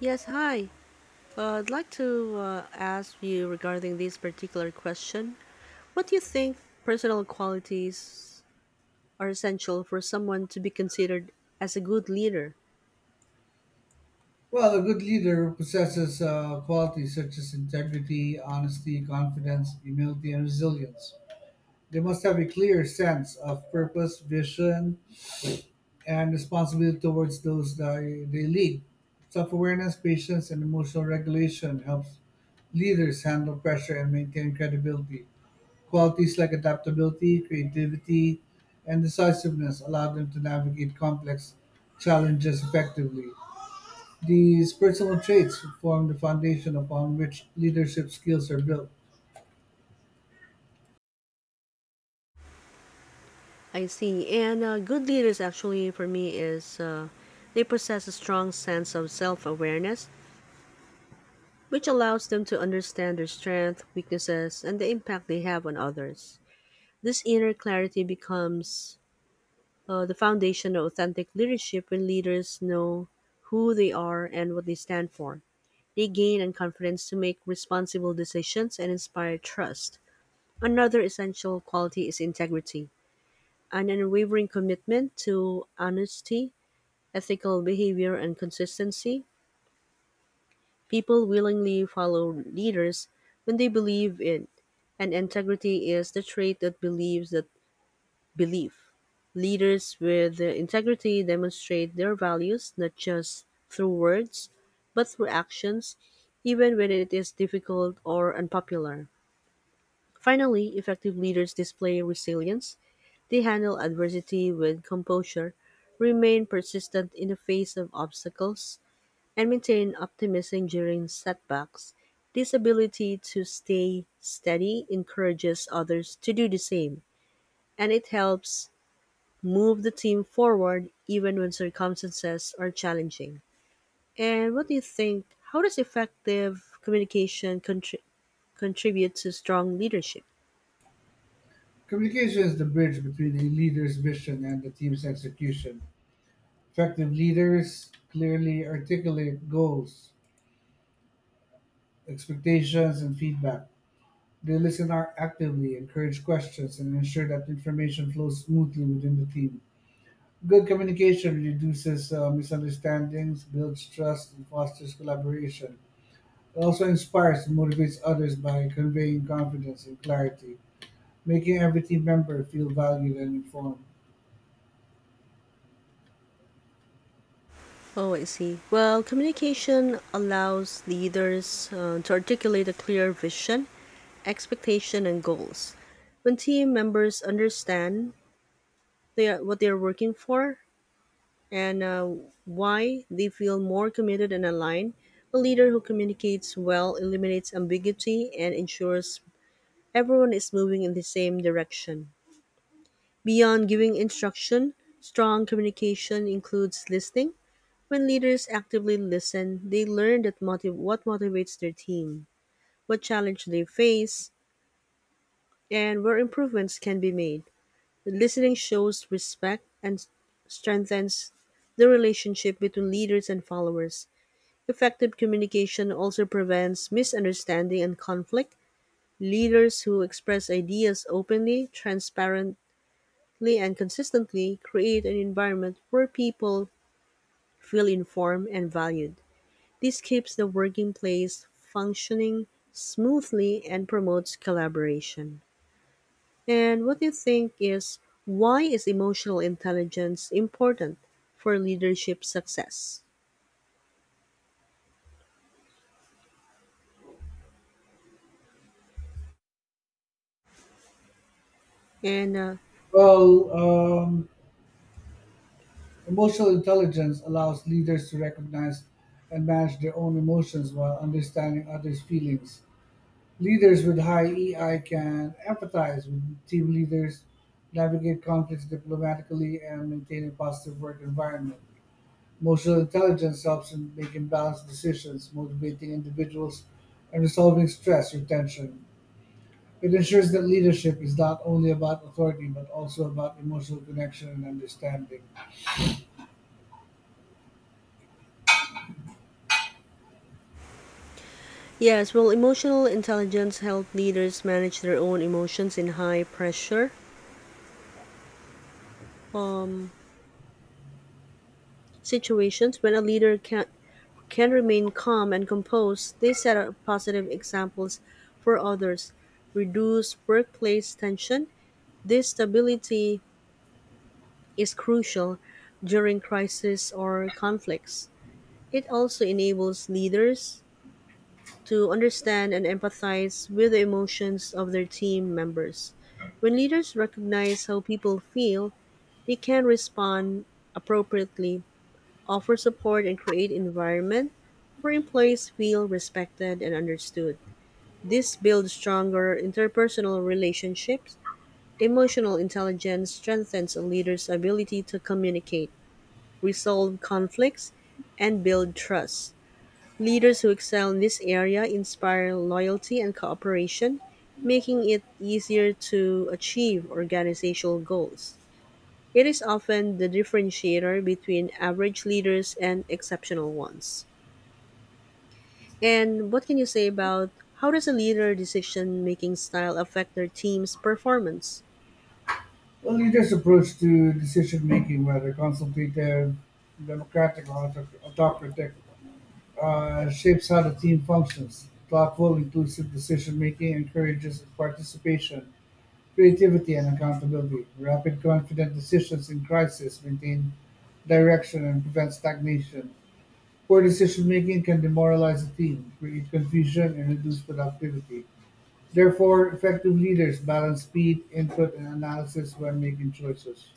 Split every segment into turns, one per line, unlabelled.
Yes, hi. I'd like to ask you regarding this particular question. What do you think personal qualities are essential for someone to be considered as a good leader?
Well, a good leader possesses qualities such as integrity, honesty, confidence, humility, and resilience. They must have a clear sense of purpose, vision, and responsibility towards those that they lead. Self awareness, patience, and emotional regulation helps leaders handle pressure and maintain credibility. Qualities like adaptability, creativity, and decisiveness allow them to navigate complex challenges effectively. These personal traits form the foundation upon which leadership skills are built.
I see. And good leaders, actually, for me, is they possess a strong sense of self awareness, which allows them to understand their strengths, weaknesses, and the impact they have on others. This inner clarity becomes the foundation of authentic leadership when leaders know who they are and what they stand for. They gain and confidence to make responsible decisions and inspire trust. Another essential quality is integrity, an unwavering commitment to honesty, ethical behavior, and consistency. People willingly follow leaders when they believe in, and integrity is the trait that believes that Belief: Leaders with integrity demonstrate their values not just through words, but through actions, even when it is difficult or unpopular. Finally, effective leaders display resilience. They handle adversity with composure, remain persistent in the face of obstacles, and maintain optimism during setbacks. This ability to stay steady encourages others to do the same, and it helps move the team forward even when circumstances are challenging. And what do you think? How does effective communication contribute to strong leadership?
Communication is the bridge between a leader's vision and the team's execution. Effective leaders clearly articulate goals, expectations, and feedback. They listen actively, encourage questions, and ensure that information flows smoothly within the team. Good communication reduces misunderstandings, builds trust, and fosters collaboration. It also inspires and motivates others by conveying confidence and clarity, making every team member feel valued and informed.
Oh, I see. Well, communication allows leaders to articulate a clear vision, expectation, and goals. When team members understand they are, what they are working for, and why they feel more committed and aligned. A leader who communicates well eliminates ambiguity and ensures everyone is moving in the same direction. Beyond giving instruction, strong communication includes listening. When leaders actively listen, they learn that what motivates their team, what challenge they face, and where improvements can be made. Listening shows respect and strengthens the relationship between leaders and followers. Effective communication also prevents misunderstanding and conflict. Leaders who express ideas openly, transparently, and consistently create an environment where people feel informed and valued. This keeps the working place functioning smoothly and promotes collaboration. And what do you think is why is emotional intelligence important for leadership success? And
Well, um, Emotional intelligence allows leaders to recognize and manage their own emotions while understanding others' feelings. Leaders with high EI can empathize with team leaders, navigate conflicts diplomatically, and maintain a positive work environment. Emotional intelligence helps in making balanced decisions, motivating individuals, and resolving stress or tension. It ensures that leadership is not only about authority but also about emotional connection and understanding.
Yes, well, emotional intelligence help leaders manage their own emotions in high pressure um, situations. When a leader can remain calm and composed, they set up positive examples for others, reduce workplace tension. This stability is crucial during crisis or conflicts. It also enables leaders to understand and empathize with the emotions of their team members. When leaders recognize how people feel, they can respond appropriately, offer support, and create environment where employees feel respected and understood. This builds stronger interpersonal relationships. Emotional intelligence strengthens a leader's ability to communicate, resolve conflicts, and build trust. Leaders who excel in this area inspire loyalty and cooperation, making it easier to achieve organizational goals. It is often the differentiator between average leaders and exceptional ones. And what can you say about how does a leader decision making style affect their team's performance?
A leader's approach to decision making, whether consultative, democratic, or autocratic, shapes how the team functions. Thoughtful, inclusive decision making encourages participation, creativity, and accountability. Rapid confident decisions in crisis maintain direction and prevent stagnation. Poor decision-making can demoralize a team, create confusion, and reduce productivity. Therefore, effective leaders balance speed, input, and analysis when making choices.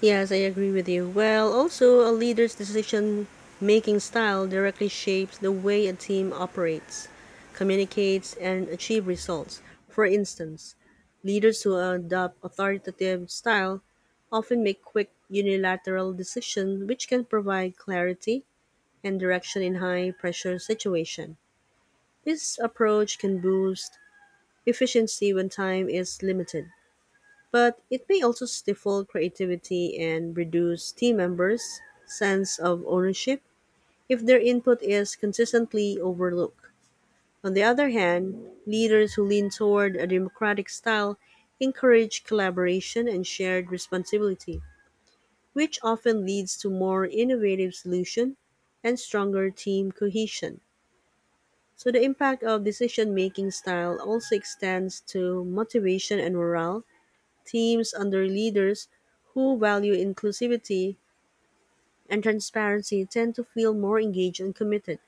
Yes, I agree with you. Well, also, a leader's decision making style directly shapes the way a team operates, communicates, and achieves results. For instance, leaders who adopt authoritative style often make quick unilateral decisions which can provide clarity and direction in high pressure situations. This approach can boost efficiency when time is limited, but it may also stifle creativity and reduce team members' sense of ownership if their input is consistently overlooked. On the other hand, leaders who lean toward a democratic style encourage collaboration and shared responsibility, which often leads to more innovative solutions and stronger team cohesion. So the impact of decision-making style also extends to motivation and morale. Teams under leaders who value inclusivity and transparency tend to feel more engaged and committed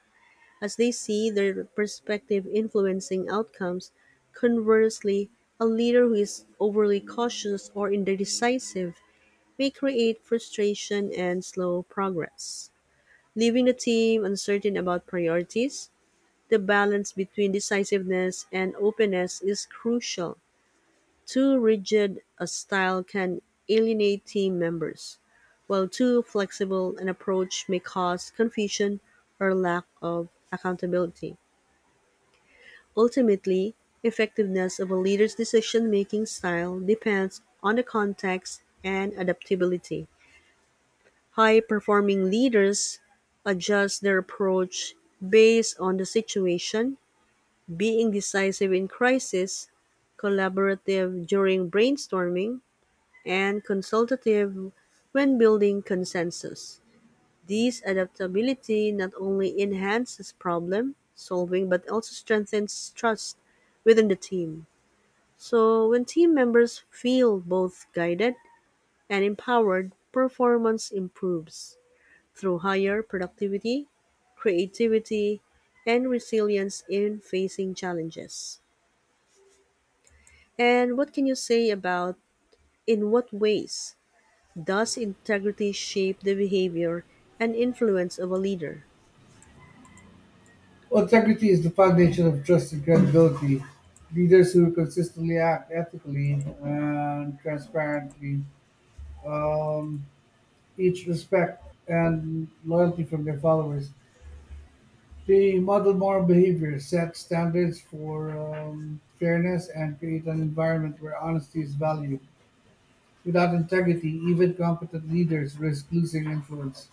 as they see their perspective influencing outcomes. Conversely, a leader who is overly cautious or indecisive may create frustration and slow progress, leaving the team uncertain about priorities. The balance between decisiveness and openness is crucial. Too rigid a style can alienate team members, while too flexible an approach may cause confusion or lack of accountability. Ultimately, effectiveness of a leader's decision-making style depends on the context and adaptability. High-performing leaders adjust their approach based on the situation, being decisive in crisis, collaborative during brainstorming, and consultative when building consensus. This adaptability not only enhances problem solving but also strengthens trust within the team. So, when team members feel both guided and empowered, performance improves through higher productivity, creativity, and resilience in facing challenges. And what can you say about, in what ways does integrity shape the behavior and influence of a leader?
Integrity is the foundation of trust and credibility. Leaders who consistently act ethically and transparently um, each respect and loyalty from their followers. They model moral behavior, set standards for fairness, and create an environment where honesty is valued. Without integrity, even competent leaders risk losing influence,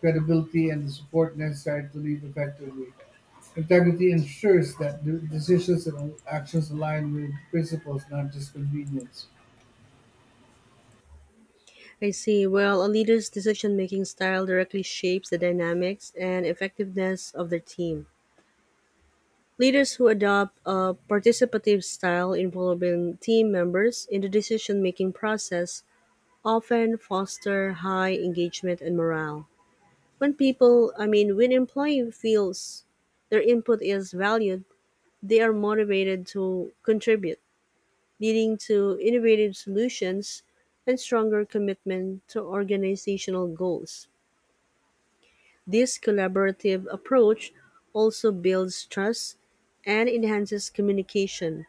credibility, and the support necessary to lead effectively. Integrity ensures that the decisions and actions align with principles, not just convenience.
I see. Well, a leader's decision making style directly shapes the dynamics and effectiveness of their team. Leaders who adopt a participative style involving team members in the decision making process often foster high engagement and morale. When people, I mean, when employee feels their input is valued, they are motivated to contribute, leading to innovative solutions and stronger commitment to organizational goals. This collaborative approach also builds trust and enhances communication,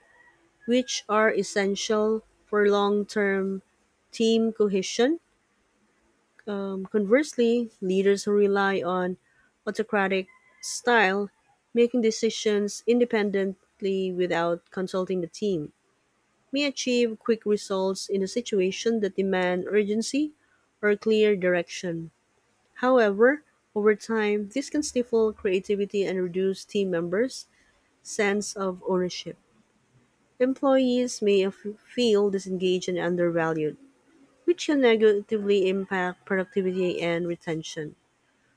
which are essential for long term team cohesion. Conversely, leaders who rely on autocratic style making decisions independently without consulting the team may achieve quick results in a situation that demand urgency or clear direction. However, over time, this can stifle creativity and reduce team members' sense of ownership. Employees may feel disengaged and undervalued, which can negatively impact productivity and retention.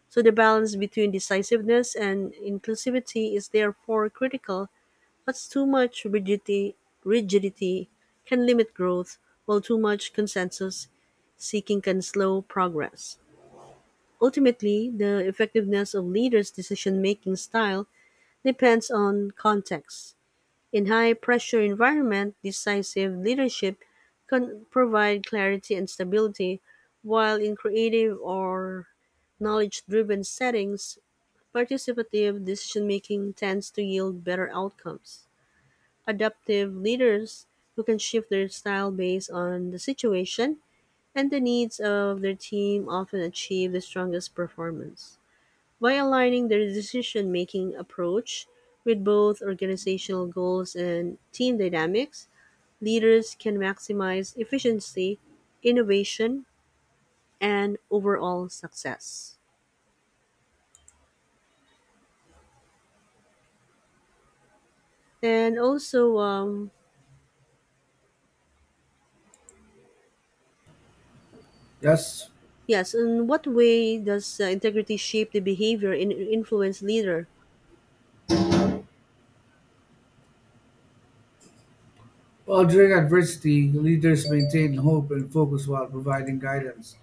So, the balance between decisiveness and inclusivity is therefore critical, but too much rigidity can limit growth, while too much consensus seeking can slow progress. Ultimately, the effectiveness of leaders' decision making style depends on context. In high pressure environment, decisive leadership can provide clarity and stability, while in creative or knowledge driven settings, participative decision making tends to yield better outcomes. Adaptive leaders who can shift their style based on the situation and the needs of their team often achieve the strongest performance. By aligning their decision making approach with both organizational goals and team dynamics, leaders can maximize efficiency, innovation, and overall success. And also, um,
Yes.
yes, in what way does integrity shape the behavior and influence leader?
Well, during adversity, leaders maintain hope and focus while providing guidance.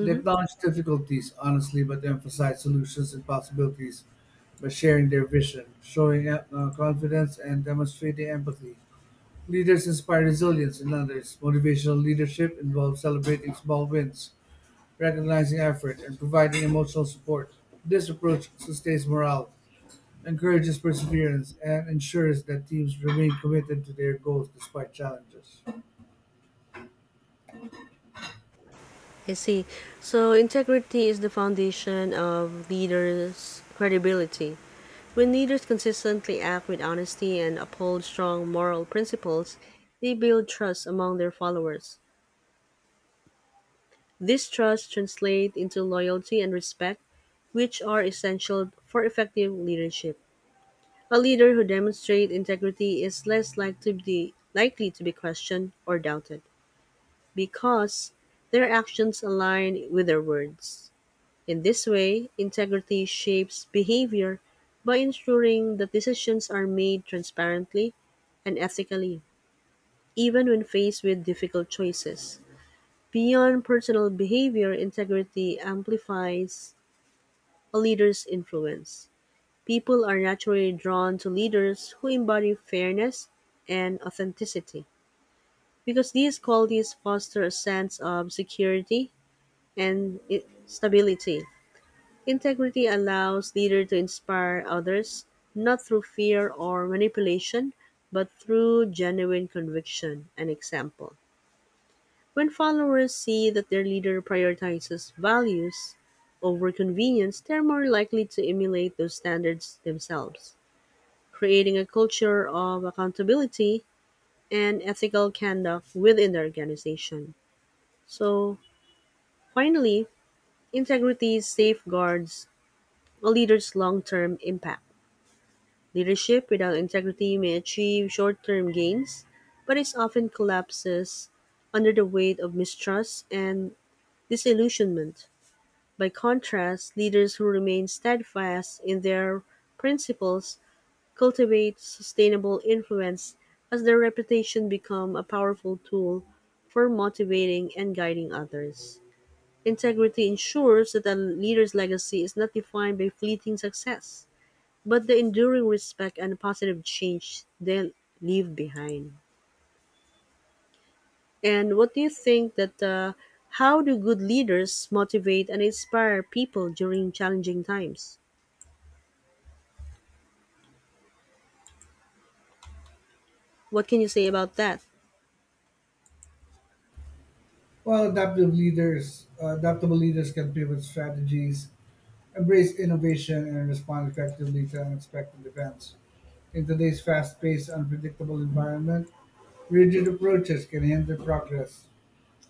They acknowledge difficulties honestly, but emphasize solutions and possibilities by sharing their vision, showing confidence, and demonstrating empathy. Leaders inspire resilience in others. Motivational leadership involves celebrating small wins, recognizing effort, and providing emotional support. This approach sustains morale, encourages perseverance, and ensures that teams remain committed to their goals despite challenges.
I see. So, integrity is the foundation of leaders' credibility. When leaders consistently act with honesty and uphold strong moral principles, they build trust among their followers. This trust translates into loyalty and respect, which are essential for effective leadership. A leader who demonstrates integrity is less likely to be questioned or doubted because their actions align with their words. In this way, integrity shapes behavior by ensuring that decisions are made transparently and ethically, even when faced with difficult choices. Beyond personal behavior, integrity amplifies a leader's influence. People are naturally drawn to leaders who embody fairness and authenticity because these qualities foster a sense of security and stability. Integrity allows leaders to inspire others not through fear or manipulation, but through genuine conviction and example. When followers see that their leader prioritizes values over convenience, they're more likely to emulate those standards themselves, creating a culture of accountability and ethical conduct within the organization. So, finally, integrity safeguards a leader's long term impact. Leadership without integrity may achieve short term gains, but it often collapses under the weight of mistrust and disillusionment. By contrast, leaders who remain steadfast in their principles cultivate sustainable influence as their reputation becomes a powerful tool for motivating and guiding others. Integrity ensures that a leader's legacy is not defined by fleeting success but the enduring respect and positive change they leave behind. And what do you think that how do good leaders motivate and inspire people during challenging times? What can you say about that?
Adaptable leaders can pivot strategies, embrace innovation, and respond effectively to unexpected events. In today's fast-paced, unpredictable environment, rigid approaches can hinder progress.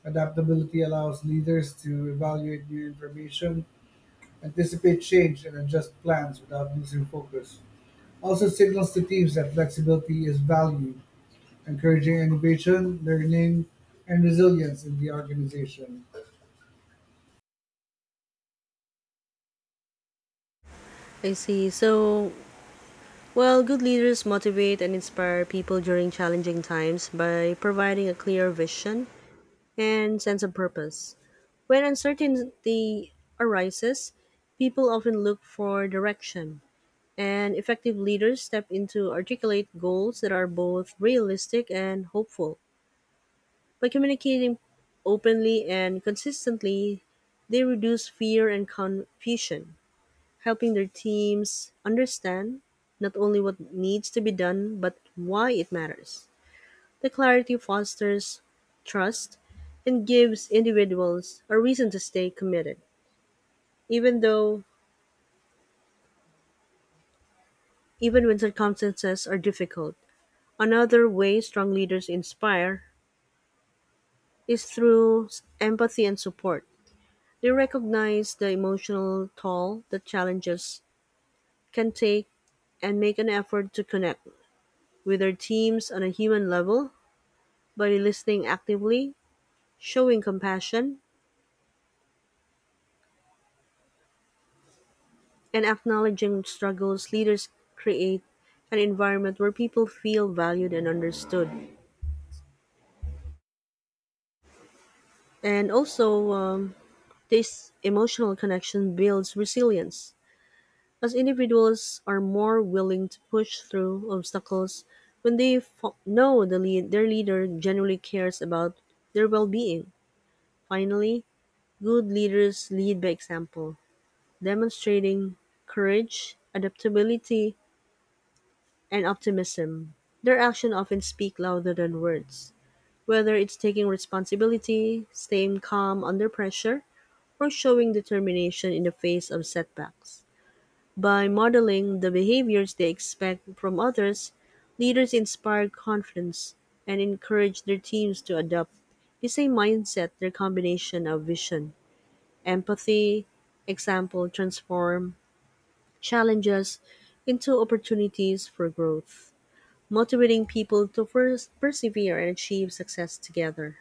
Adaptability allows leaders to evaluate new information, anticipate change, and adjust plans without losing focus. Also signals to teams that flexibility is valued, encouraging innovation, learning, and resilience in the organization.
I see. So, well, good leaders motivate and inspire people during challenging times by providing a clear vision and sense of purpose. When uncertainty arises, people often look for direction. And effective leaders step in to articulate goals that are both realistic and hopeful. By communicating openly and consistently, they reduce fear and confusion, helping their teams understand not only what needs to be done, but why it matters. The clarity fosters trust and gives individuals a reason to stay committed, even though even when circumstances are difficult. Another way strong leaders inspire is through empathy and support. They recognize the emotional toll that challenges can take and make an effort to connect with their teams on a human level by listening actively, showing compassion, and acknowledging struggles. Leaders create an environment where people feel valued and understood. And also, um, this emotional connection builds resilience, as individuals are more willing to push through obstacles when they know the their leader genuinely cares about their well-being. Finally, good leaders lead by example, demonstrating courage, adaptability, and optimism. Their actions often speak louder than words, whether it's taking responsibility, staying calm under pressure, or showing determination in the face of setbacks. By modeling the behaviors they expect from others, leaders inspire confidence and encourage their teams to adopt the same mindset. Their combination of vision, empathy, example transform challenges into opportunities for growth, motivating people to first persevere and achieve success together.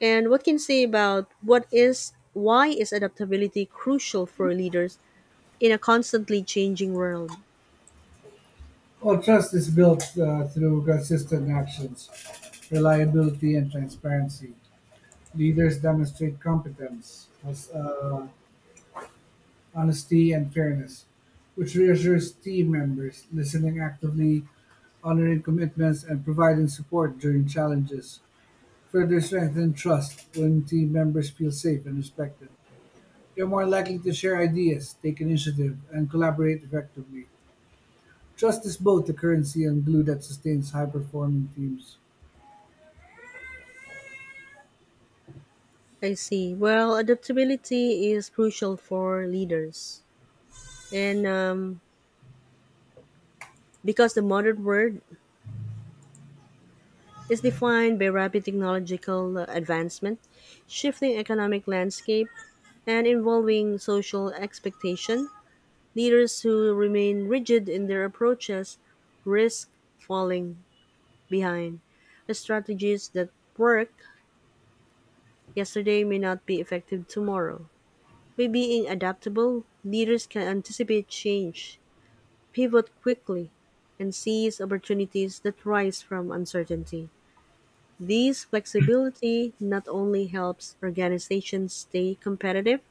And what can you say about what is why is adaptability crucial for leaders in a constantly changing world?
Well, trust is built through consistent actions, reliability, and transparency. Leaders demonstrate competence, honesty, and fairness, which reassures team members, listening actively, honoring commitments, and providing support during challenges. Further strengthen trust when team members feel safe and respected. They're more likely to share ideas, take initiative, and collaborate effectively. Trust is both the currency and glue that sustains high performing teams.
I see. Well, adaptability is crucial for leaders. And Because the modern world is defined by rapid technological advancement, shifting economic landscape, and involving social expectation, leaders who remain rigid in their approaches risk falling behind. The strategies that work yesterday may not be effective tomorrow. By being adaptable, leaders can anticipate change pivot quickly, and seize opportunities that rise from uncertainty. This flexibility not only helps organizations stay competitive,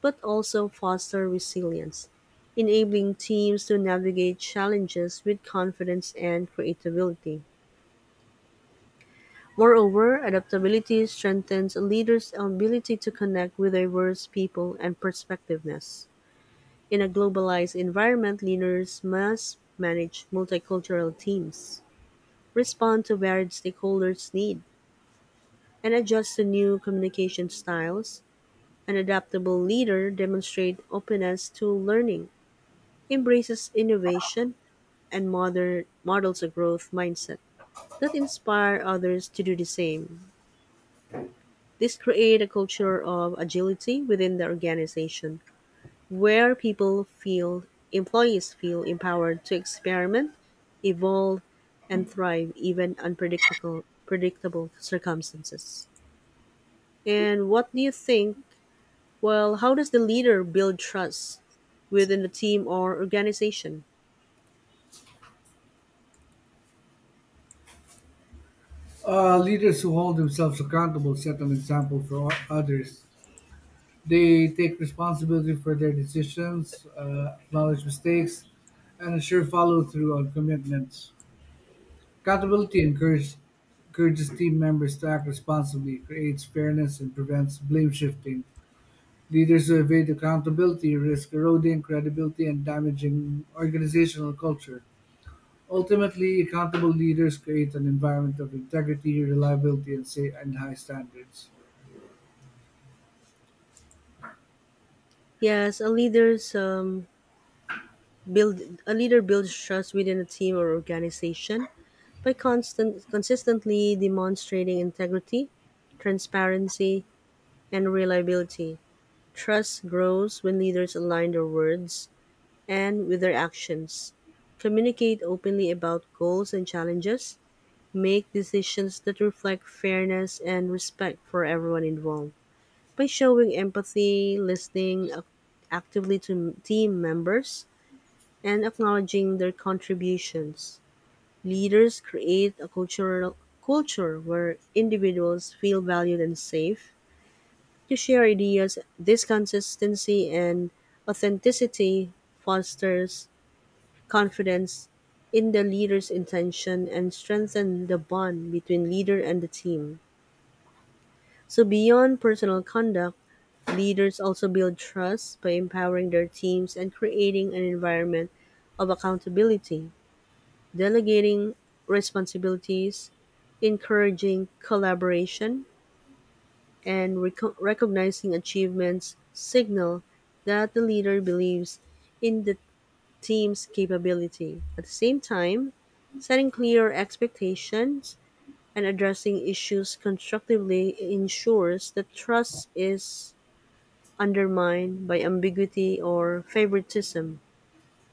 but also foster resilience, enabling teams to navigate challenges with confidence and creativity. Moreover, adaptability strengthens a leader's ability to connect with diverse people and perspectives. In a globalized environment, leaders must manage multicultural teams respond to varied stakeholders' needs, and adjust to new communication styles. An adaptable leader demonstrates openness to learning, embraces innovation, and models a growth mindset that inspire others to do the same. This creates a culture of agility within the organization where people feel employees feel empowered to experiment, evolve, and thrive even unpredictable predictable circumstances. And what do you think? Well, how does the leader build trust within the team or organization?
Leaders who hold themselves accountable set an example for others. They take responsibility for their decisions, acknowledge mistakes, and ensure follow through on commitments. Accountability encourage, encourages team members to act responsibly, creates fairness, and prevents blame shifting. Leaders who evade accountability risk eroding credibility and damaging organizational culture. Ultimately, accountable leaders create an environment of integrity, reliability, and high standards.
Yes, a leader builds trust within a team or organization by constant consistently demonstrating integrity, transparency, and reliability. Trust grows when leaders align their words and with their actions, communicate openly about goals and challenges, make decisions that reflect fairness and respect for everyone involved. By showing empathy, actively to team members, and acknowledging their contributions, leaders create a cultural culture where individuals feel valued and safe to share ideas. This consistency and authenticity fosters confidence in the leader's intention and strengthen the bond between leader and the team. So, beyond personal conduct, leaders also build trust by empowering their teams and creating an environment of accountability, delegating responsibilities, encouraging collaboration, and recognizing achievements signal that the leader believes in the team's capability. At the same time, setting clear expectations and addressing issues constructively ensures that trust is undermined by ambiguity or favoritism.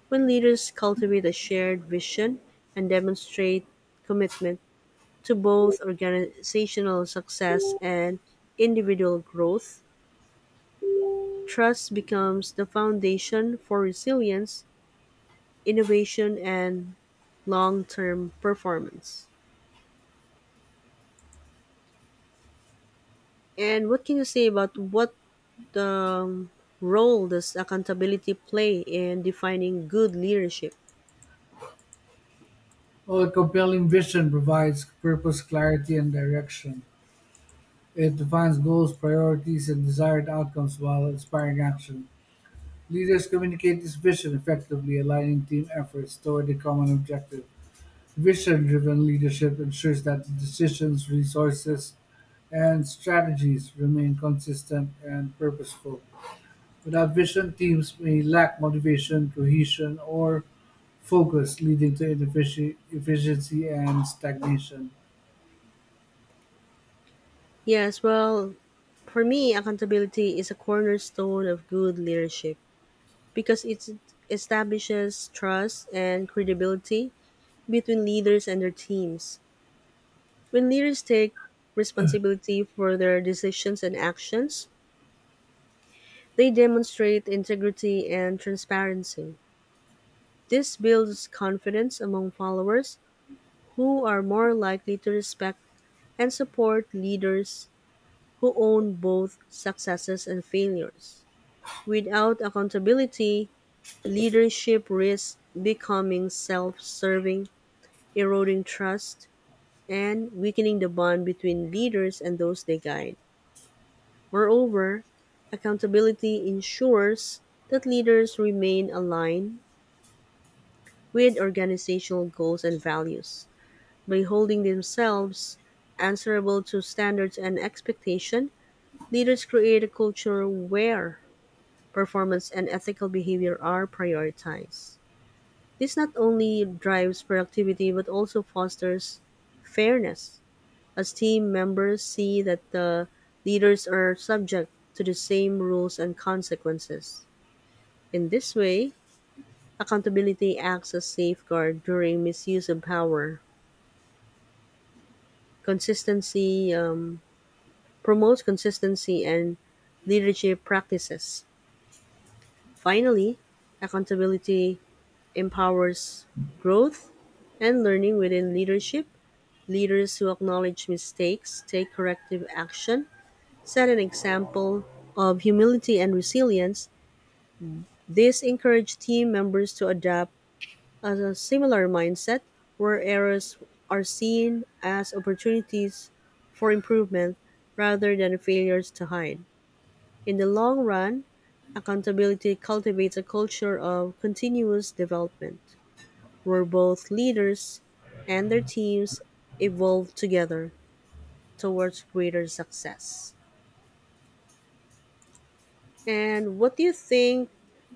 When leaders cultivate a shared vision and demonstrate commitment to both organizational success and individual growth, trust becomes the foundation for resilience, innovation, and long term performance. And what can you say about what um, role does accountability play in defining good leadership?
While a compelling vision provides purpose, clarity, and direction, it defines goals, priorities, and desired outcomes while inspiring action. Leaders communicate this vision effectively, aligning team efforts toward a common objective. Vision driven leadership ensures that decisions, resources, and strategies remain consistent and purposeful. Without vision, teams may lack motivation, cohesion, or focus, leading to efficiency and stagnation.
Yes, well, for me, accountability is a cornerstone of good leadership because it establishes trust and credibility between leaders and their teams. When leaders take responsibility for their decisions and actions, they demonstrate integrity and transparency. This builds confidence among followers who are more likely to respect and support leaders who own both successes and failures. Without accountability, leadership risks becoming self-serving, eroding trust, and weakening the bond between leaders and those they guide. Moreover, accountability ensures that leaders remain aligned with organizational goals and values. By holding themselves answerable to standards and expectation, leaders create a culture where performance and ethical behavior are prioritized. This not only drives productivity but also fosters fairness, as team members see that the leaders are subject to the same rules and consequences. In this way, accountability acts as safeguard during misuse of power. Consistency Promotes consistency and leadership practices. Finally, accountability empowers growth and learning within leadership. Leaders who acknowledge mistakes, take corrective action, set an example of humility and resilience. This encourage team members to adopt a similar mindset where errors are seen as opportunities for improvement rather than failures to hide. In the long run, accountability cultivates a culture of continuous development where both leaders and their teams evolve together towards greater success. And what do you think?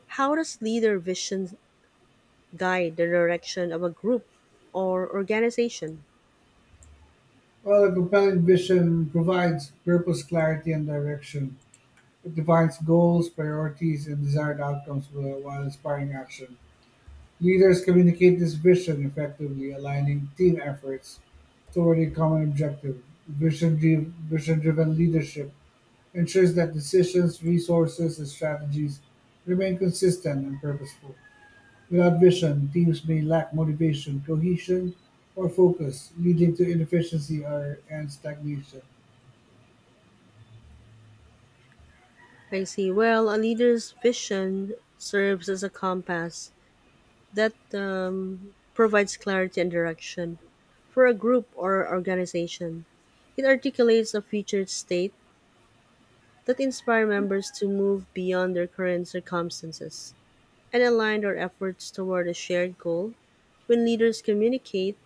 How does leader vision guide the direction of a group or organization?
While a compelling vision provides purpose, clarity, and direction, it defines goals, priorities, and desired outcomes while inspiring action. Leaders communicate this vision effectively, aligning team efforts toward a common objective. Vision driven leadership ensures that decisions, resources, and strategies remain consistent and purposeful. Without vision, teams may lack motivation, cohesion, or focus, leading to inefficiency or, and stagnation.
I see. Well, a leader's vision serves as a compass that provides clarity and direction for a group or organization. It articulates a future state that inspires members to move beyond their current circumstances and aligned our efforts toward a shared goal. When leaders communicate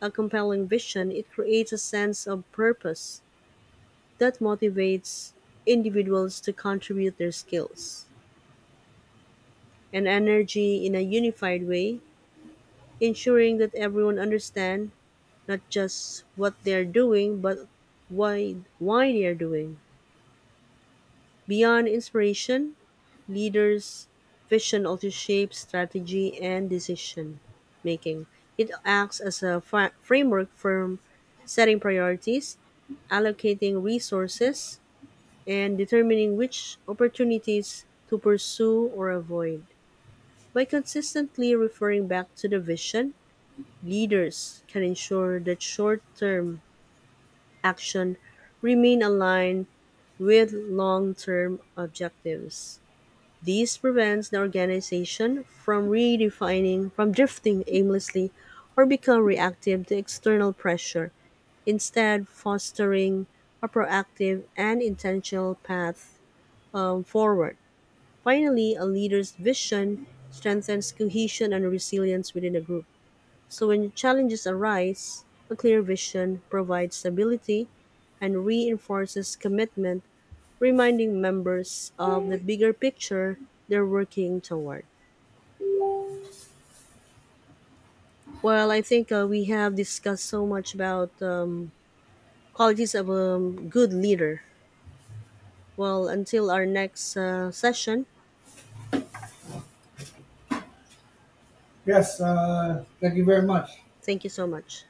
a compelling vision, it creates a sense of purpose that motivates individuals to contribute their skills and energy in a unified way, ensuring that everyone understands not just what they're doing, but why they're doing. Beyond inspiration, leaders' vision also shapes strategy and decision making. It acts as a framework for setting priorities, allocating resources, and determining which opportunities to pursue or avoid. By consistently referring back to the vision, leaders can ensure that short-term action remain aligned with long-term objectives. This prevents the organization from drifting aimlessly or become reactive to external pressure, instead fostering a proactive and intentional path forward. Finally, a leader's vision strengthens cohesion and resilience within a group. So when challenges arise, a clear vision provides stability and reinforces commitment, reminding members of the bigger picture they're working toward. Well, I think we have discussed so much about qualities of a good leader. Well, until our next session,
Yes, thank you very much.
thank you so much.